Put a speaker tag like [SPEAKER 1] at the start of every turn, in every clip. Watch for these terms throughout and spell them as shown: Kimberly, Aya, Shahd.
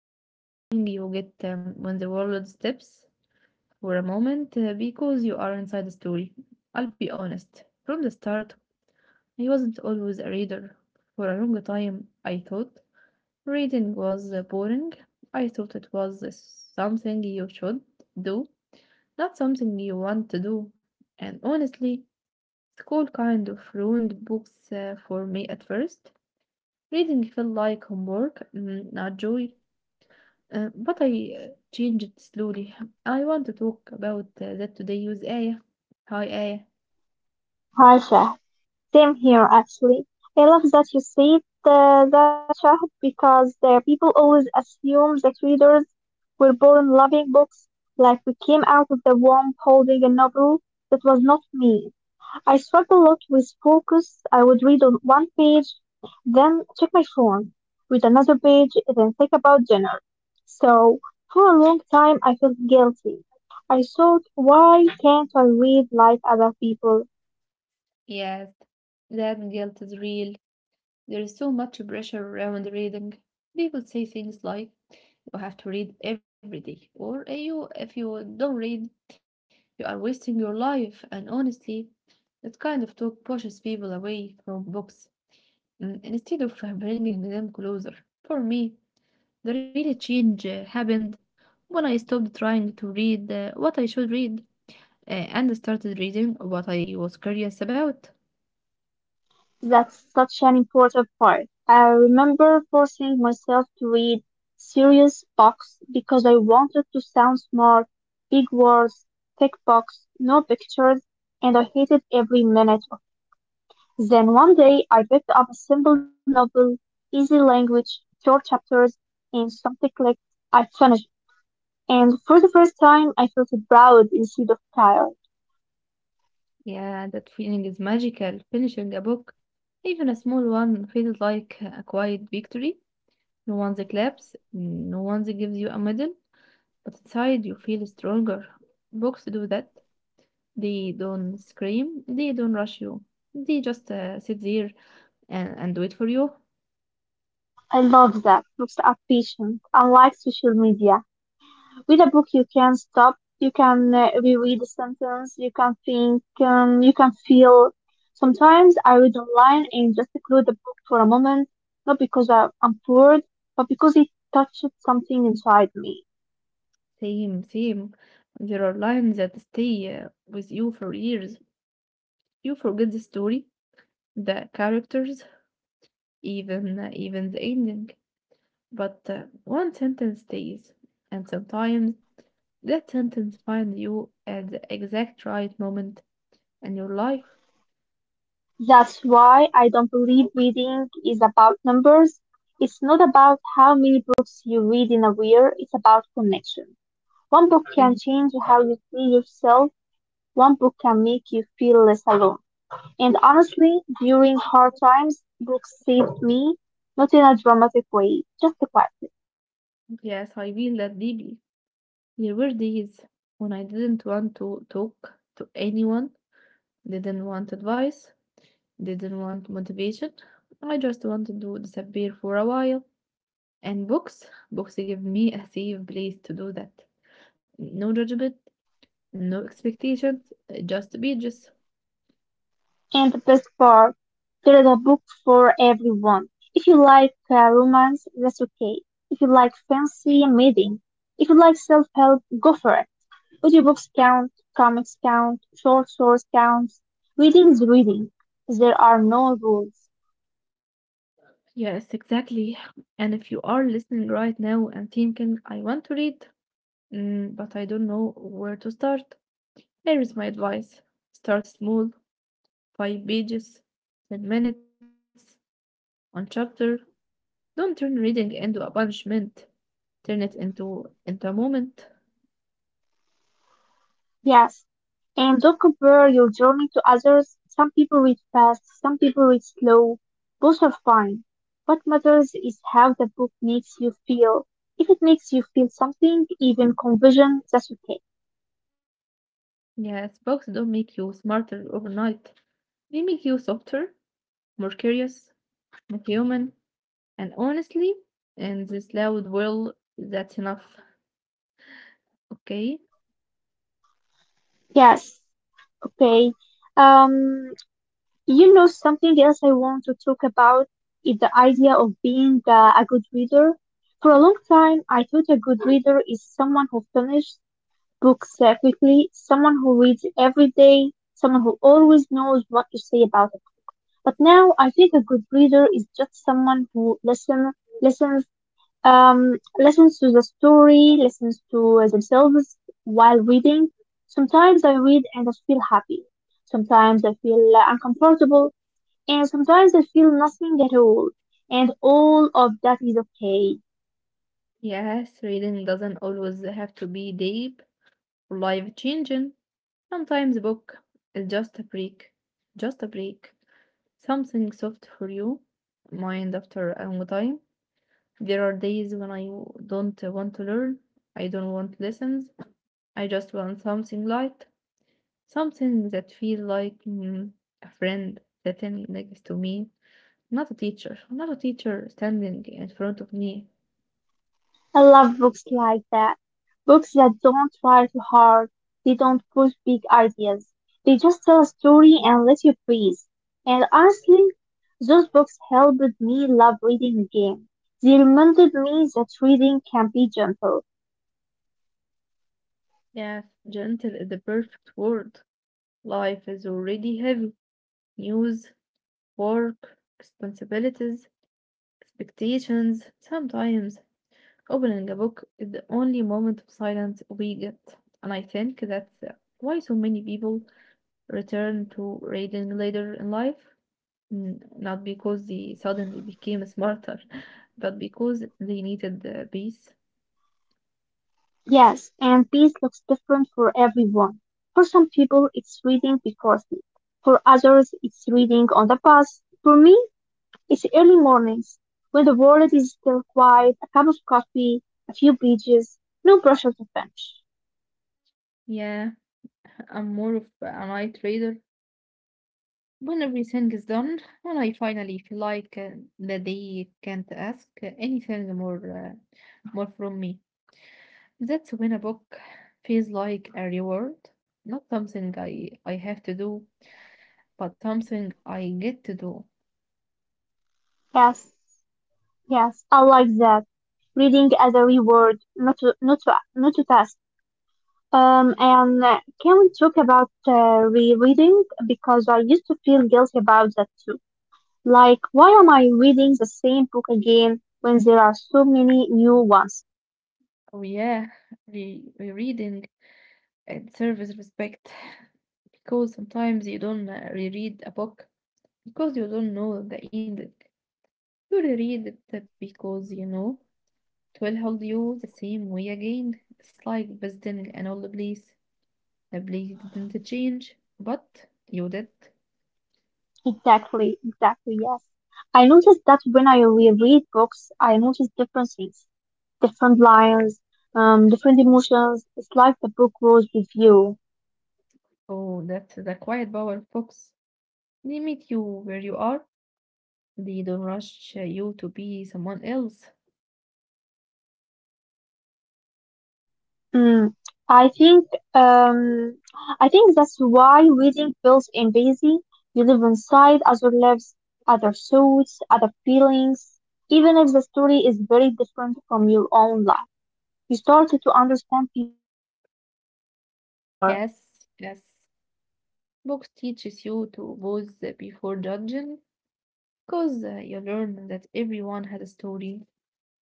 [SPEAKER 1] that quiet feeling you get when the world stops for a moment because you are inside a story. I'll be honest, from the start, I wasn't always a reader. For a long time, I thought reading was boring. I thought it was something you should do, not something you want to do. And honestly, school kind of ruined books for me at first. Reading felt like homework, not joy. But I uh, changed it slowly. I want to talk about that today with Aya. Hi, Aya.
[SPEAKER 2] Harsha. Same here, actually. I love that you said that, Shahd, because people always assume that readers were born loving books, like we came out of the womb holding a novel. That was not me. I struggled a lot with focus. I would read on one page, then check my phone, read another page, and then think about dinner. So, for a long time, I felt guilty. I thought, why can't I read like other people?
[SPEAKER 1] Yes, that guilt is real. There is so much pressure around reading. People say things like, you have to read every day, or "Eh, you, if you don't read, you are wasting your life." And honestly, that kind of talk pushes people away from books. Instead of bringing them closer. For me, the real change happened when I stopped trying to read what I should read and started reading what I was curious about.
[SPEAKER 2] That's such an important part. I remember forcing myself to read serious books because I wanted to sound smart, big words, thick books, no pictures, and I hated every minute of it. Then one day I picked up a simple novel, easy language, short chapters, and something clicked. I finished, it. And for the first time I felt proud instead of tired.
[SPEAKER 1] Yeah, that feeling is magical. Finishing a book, even a small one, feels like a quiet victory. No one claps, no one gives you a medal, but inside you feel stronger. Books do that. They don't scream. They don't rush you. They just sit there and wait for you.
[SPEAKER 2] I love that. Books are patient, unlike social media. With a book, you can stop, you can reread a sentence, you can think, you can feel. Sometimes I read online and just close the book for a moment, not because I'm bored, but because it touched something inside me.
[SPEAKER 1] Same, same. There are lines that stay with you for years. You forget the story, the characters, even the ending. But one sentence stays, and sometimes that sentence finds you at the exact right moment in your life.
[SPEAKER 2] That's why I don't believe reading is about numbers. It's not about how many books you read in a year, it's about connection. One book
[SPEAKER 1] Mhm.
[SPEAKER 2] can change how you see yourself, one book can make you feel less alone. And honestly, during hard times, books saved me, not in a dramatic way, just quietly.
[SPEAKER 1] Yes, I feel that deeply. There were days when I didn't want to talk to anyone, didn't want advice, didn't want motivation. I just wanted to disappear for a while. And books, books give me a safe place to do that. No judgment, no expectations, just pages.
[SPEAKER 2] And the best part, there is a book for everyone. If you like romance, that's okay. If you like fancy, amazing. If you like self-help, go for it. Audiobooks count, comics count, short stories count. Reading is reading. There are no rules.
[SPEAKER 1] Yes, exactly. And if you are listening right now and thinking, I want to read, but I don't know where to start, here is my advice. Start small, 5 pages, 10 minutes, one chapter. Don't turn reading into a punishment. Turn it into a moment.
[SPEAKER 2] Yes. And don't compare your journey to others. Some people read fast, some people read slow. Both are fine. What matters is how the book makes you feel. If it makes you feel something, even confusion, that's okay.
[SPEAKER 1] Yes, books don't make you smarter overnight. They make you softer, more curious, more human, and honestly, in this loud world, that's enough. Okay?
[SPEAKER 2] Yes, okay. Um, something else I want to talk about is the idea of being a good reader. For a long time, I thought a good reader is someone who finishes books quickly, someone who reads every day, someone who always knows what to say about it. But now I think a good reader is just someone who listens, listens to the story, listens to themselves while reading. Sometimes I read and I feel happy. Sometimes I feel uncomfortable, and sometimes I feel nothing at all. And all of that is okay.
[SPEAKER 1] Yes, reading doesn't always have to be deep or life changing. Sometimes a book is just a break. Just a break. Something soft for you. Mind after a long time. There are days when don't want to learn. I don't want lessons. I just want something light, something that feels like a friend sitting next to me, not a teacher, not a teacher standing in front of me.
[SPEAKER 2] I love books like that. Books that don't try too hard. They don't push big ideas. They just tell a story and let you breathe. And honestly, those books helped me love reading again. They reminded me that reading can be gentle.
[SPEAKER 1] Yes, gentle is the perfect word. Life is already heavy. News, work, responsibilities, expectations. Sometimes opening a book is the only moment of silence we get, and I think that's why so many people return to reading later in life. Not because they suddenly became smarter, but because they needed the peace.
[SPEAKER 2] Yes, and peace looks different for everyone. For some people, it's reading before sleep. For others, it's reading on the bus. For me, it's early mornings, when the world is still quiet, a cup of coffee, a few pages, no pressure to finish.
[SPEAKER 1] Yeah, I'm more of a night reader. When everything is done, when I finally feel like that they can't ask anything more, uh, more from me. That's when a book feels like a reward, not something I have to do, but something I get to do.
[SPEAKER 2] Yes, yes, I like that. Reading as a reward, not to task. And can we talk about rereading? Because I used to feel guilty about that too. Like, why am I reading the same book again when there are so many new ones?
[SPEAKER 1] Oh yeah, rereading it serves respect because sometimes you don't reread a book because you don't know the ending. You reread it because you know it will hold you the same way again. It's like visiting an old place. The place didn't change, but you did.
[SPEAKER 2] Exactly, exactly, yes. I noticed that when I reread books, I notice different things, different lines, different emotions. It's like the book grows with you.
[SPEAKER 1] Oh, that's the quiet power of books. Limit you where you are. They don't rush you to be someone else.
[SPEAKER 2] Mm. I think, um, I think that's why reading feels invasive. You live inside other lives, other thoughts, other feelings. Even if the story is very different from your own life, you start to understand people more.
[SPEAKER 1] Yes, yes. Books teaches you to pause before judging, because you learn that everyone has a story,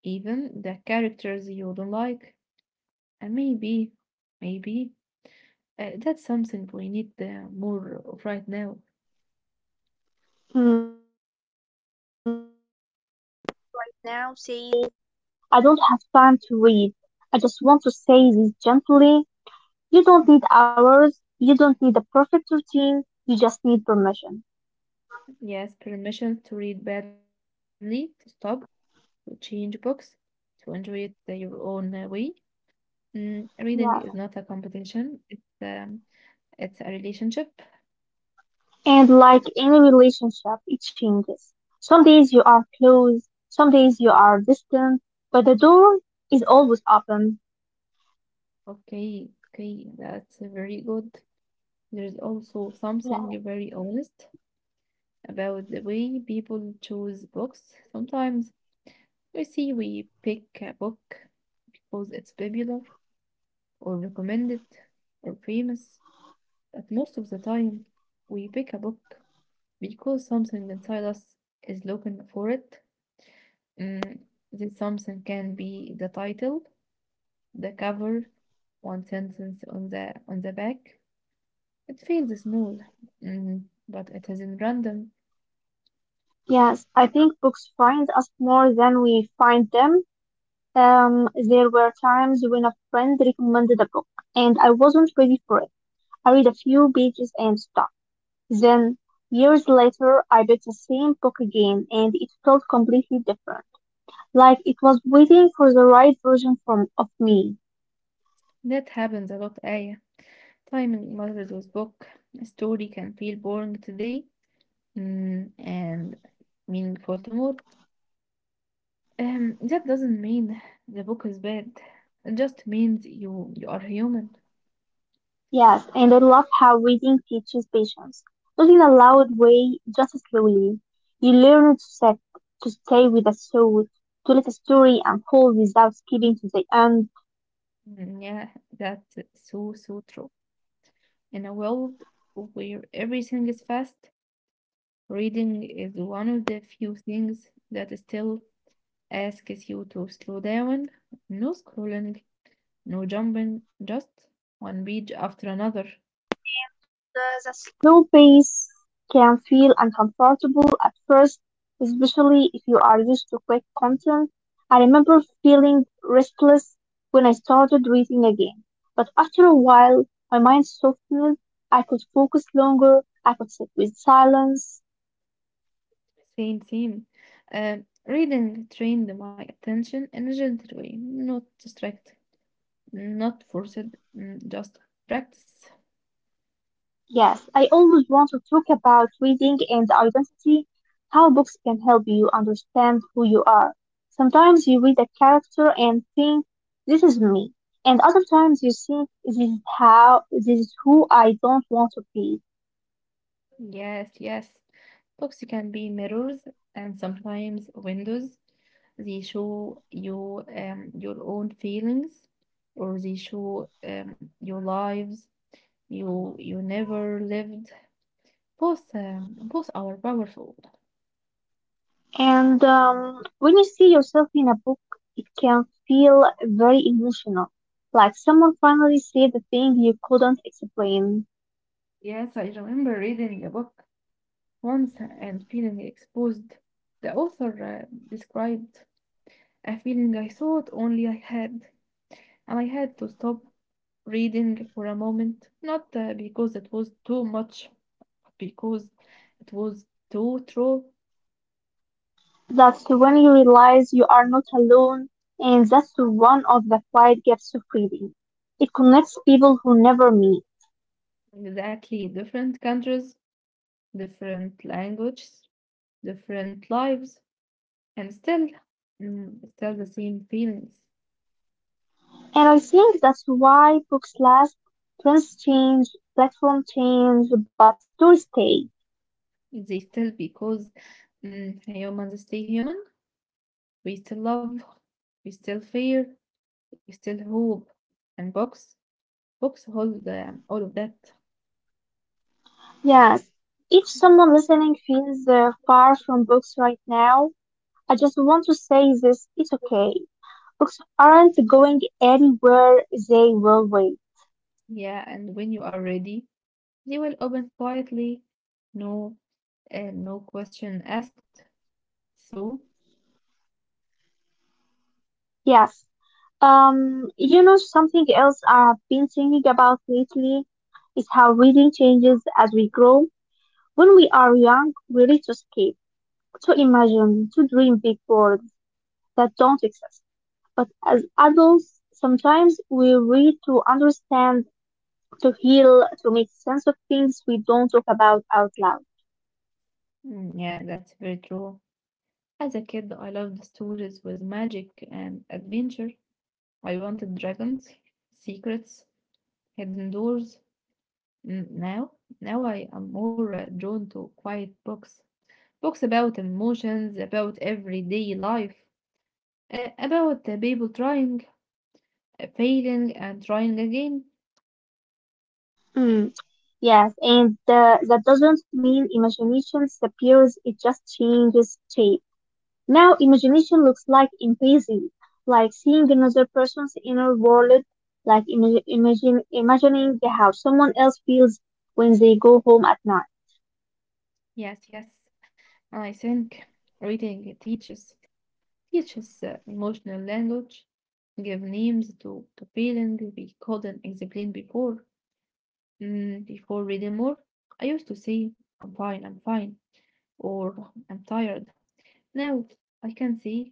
[SPEAKER 1] even the characters you don't like. And maybe that's something we need more of right now.
[SPEAKER 2] Hmm, now says, I don't have time to read. I just want to say this gently. You don't need hours. You don't need a perfect routine. You just need permission.
[SPEAKER 1] Yes, permission to read badly, to stop, to change books, to enjoy it your own way.
[SPEAKER 2] Yes.
[SPEAKER 1] Reading is not a competition. It's a relationship.
[SPEAKER 2] And like any relationship, it changes. Some days you are close. Some days you are distant. But the door is always open.
[SPEAKER 1] Okay, okay, that's very good. There's also something very
[SPEAKER 2] Yeah.
[SPEAKER 1] honest about the way people choose books. Sometimes we pick a book because it's popular or recommended or famous, but most of the time we pick a book because something inside us is looking for it. Mm, this something can be the title, the cover, one sentence on the back. It feels small, mm, but it isn't random.
[SPEAKER 2] Yes, I think books find us more than we find them. There were times when a friend recommended a book and I wasn't ready for it I read a few pages and stopped. Then, years later, I picked the same book again and it felt completely different. Like it was waiting for the right of me.
[SPEAKER 1] That happens a lot, Aya. Time in matters with book. A story can feel boring today and meaningful tomorrow. That doesn't mean the book is bad. It just means you are human.
[SPEAKER 2] Yes, and I love how reading teaches patience. Not in a loud way, just slowly. You learn to sit, to stay with a thought, to let a story unfold without skipping to the end.
[SPEAKER 1] Yeah, that's so, so true. In a world where everything is fast, reading is one of the few things that still asks you to slow down. No scrolling, no jumping, just one page after another.
[SPEAKER 2] The slow pace can feel uncomfortable at first, especially if you are used to quick content. I remember feeling restless when I started reading again, but after a while, my mind softened. I could focus longer, I could sit with silence.
[SPEAKER 1] Same, same. Reading trained my attention in a gentle way, not distract, not forced, just practice.
[SPEAKER 2] Yes, I always want to talk about reading and identity, how books can help you understand who you are. Sometimes you read a character and think, this is me. And other times you think, this is who I don't want to be.
[SPEAKER 1] Yes, yes. Books can be mirrors and sometimes windows. They show you your own feelings, or they show your lives you never lived. Both are powerful.
[SPEAKER 2] And when you see yourself in a book, it can feel very emotional, like someone finally said the thing you couldn't explain.
[SPEAKER 1] Yes, I remember reading a book once and feeling exposed. The author described a feeling I thought only I had, and I had to stop reading for a moment, not because it was too much, but because it was too true.
[SPEAKER 2] That's when you realize you are not alone, and that's one of the quiet gifts of reading. It connects people who never meet.
[SPEAKER 1] Exactly, different countries, different languages, different lives, and still, still the same feelings.
[SPEAKER 2] And I think that's why books last, trends change, platform change, but stories stay.
[SPEAKER 1] They still because humans stay human. We still love, we still fear, we still hope, and books, books hold all of that.
[SPEAKER 2] Yes, if someone listening feels far from books right now, I just want to say this, it's okay. Books aren't going anywhere, they will wait.
[SPEAKER 1] Yeah, and when you are ready they will open quietly, no, no question asked. So,
[SPEAKER 2] Yes. Something else I've been thinking about lately is how reading changes as we grow. When we are young, we read to escape, to imagine, to dream big worlds that don't exist. But as adults, sometimes we read to understand, to heal, to make sense of things we don't talk about out loud.
[SPEAKER 1] yeah, that's very true. As a kid, I loved stories with magic and adventure. I wanted dragons, secrets, hidden doors. Mm, Now, now I am more drawn to quiet books. Books about emotions, about everyday life, about the people trying, failing, and trying again.
[SPEAKER 2] Mm, yes, and that doesn't mean imagination disappears, it just changes shape. Now imagination looks like empathy, like seeing another person's inner world, like imagining how someone else feels when they go home at night.
[SPEAKER 1] Yes, yes. I think reading teaches. Teaches emotional language, give names to feelings we couldn't explain before. Before reading more, I used to say, I'm fine, or I'm tired. Now I can say,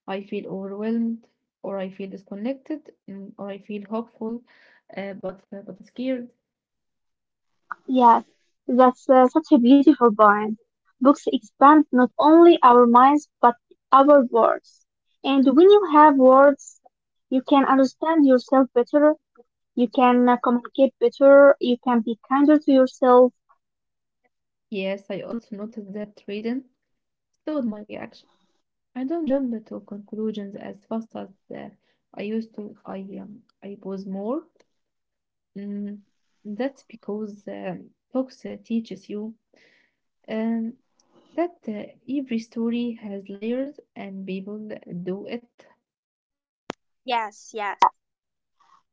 [SPEAKER 1] I feel overwhelmed, or I feel disconnected, or I feel hopeful, but scared.
[SPEAKER 2] Yes, that's such a beautiful point. Books expand not only our minds but our words. And when you have words, you can understand yourself better, you can communicate better, you can be kinder to yourself.
[SPEAKER 1] Yes, I also noticed that reading slowed my reaction. I don't jump to conclusions as fast as uh, I used to. I pause more. Mm, that's because books teaches you um, that every story has layers and people do it.
[SPEAKER 2] Yes, yes.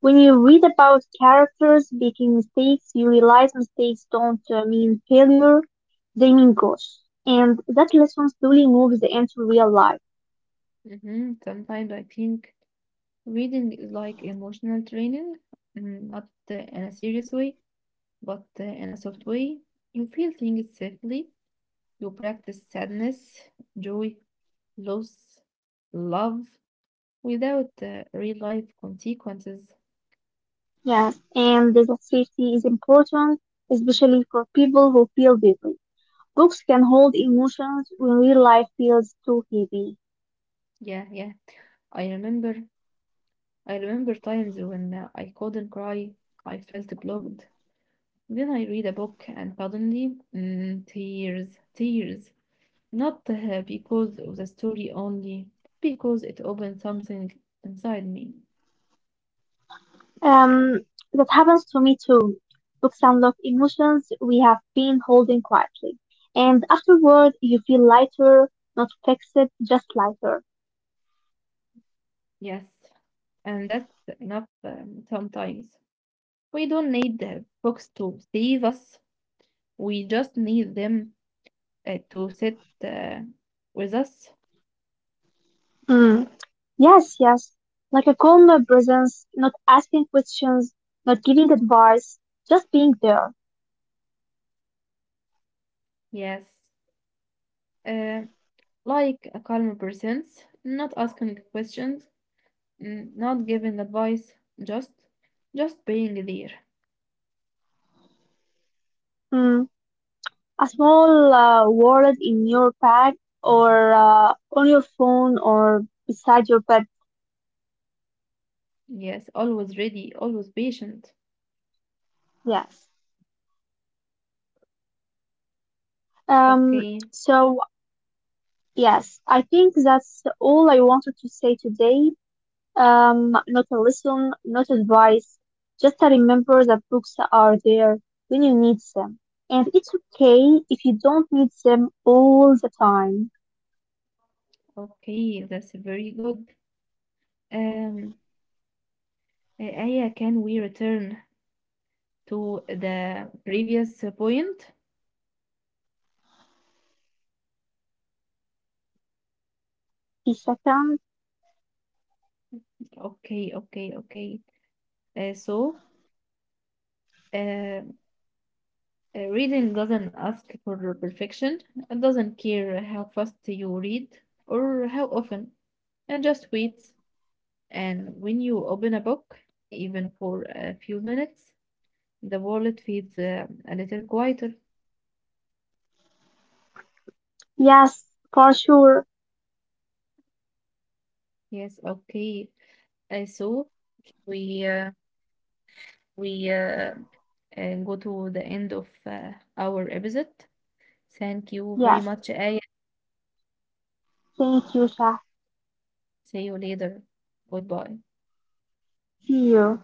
[SPEAKER 2] When you read about characters making mistakes, you realize mistakes don't mean failure, they mean growth. And that lesson slowly moves into real life.
[SPEAKER 1] Mhm. Sometimes I think reading is like emotional training, not in a serious way, but in a soft way. You feel things safely. You practice sadness, joy, loss, love without real life consequences.
[SPEAKER 2] Yes, and that safety is important, especially for people who feel deeply. Books can hold emotions when real life feels too heavy.
[SPEAKER 1] Yeah, yeah. I remember I remember times when I couldn't cry, I felt blocked. Then I read a book and suddenly, tears, tears. Not because of the story only, because it opened something inside me.
[SPEAKER 2] Um, that happens to me too. Books unlock emotions we have been holding quietly. And afterward, you feel lighter, not fixed, just lighter.
[SPEAKER 1] Yes, and that's enough sometimes. We don't need the books to save us. We just need them to sit with us.
[SPEAKER 2] Mm, yes, yes. Like a calm no presence, not asking questions, not giving advice, just being there.
[SPEAKER 1] Yes. Uh, like a calm person, not asking questions, not giving advice, just just being there.
[SPEAKER 2] Mm, a small wallet in your bag or on your phone or beside your bed.
[SPEAKER 1] Yes, always ready, always patient.
[SPEAKER 2] Yes. Um,
[SPEAKER 1] Okay,
[SPEAKER 2] so, yes, I think that's all I wanted to say today. Not a lesson, not advice. Just a remember that books are there when you need them. And it's okay if you don't need them all the time.
[SPEAKER 1] okay, that's very good. Um, Aya, can we return to the previous point?
[SPEAKER 2] The second,
[SPEAKER 1] Okay, okay, okay. So, uh, uh, reading doesn't ask for perfection. It doesn't care how fast you read or how often. It just waits. And when you open a book, even for a few minutes, the world feels a little quieter.
[SPEAKER 2] yes, for sure.
[SPEAKER 1] Yes, okay. Uh, so we uh, we uh, uh, go to the end of our episode. Thank you very
[SPEAKER 2] Yes.
[SPEAKER 1] much, Aya.
[SPEAKER 2] Thank you, Shah.
[SPEAKER 1] See you later. Goodbye.
[SPEAKER 2] See you.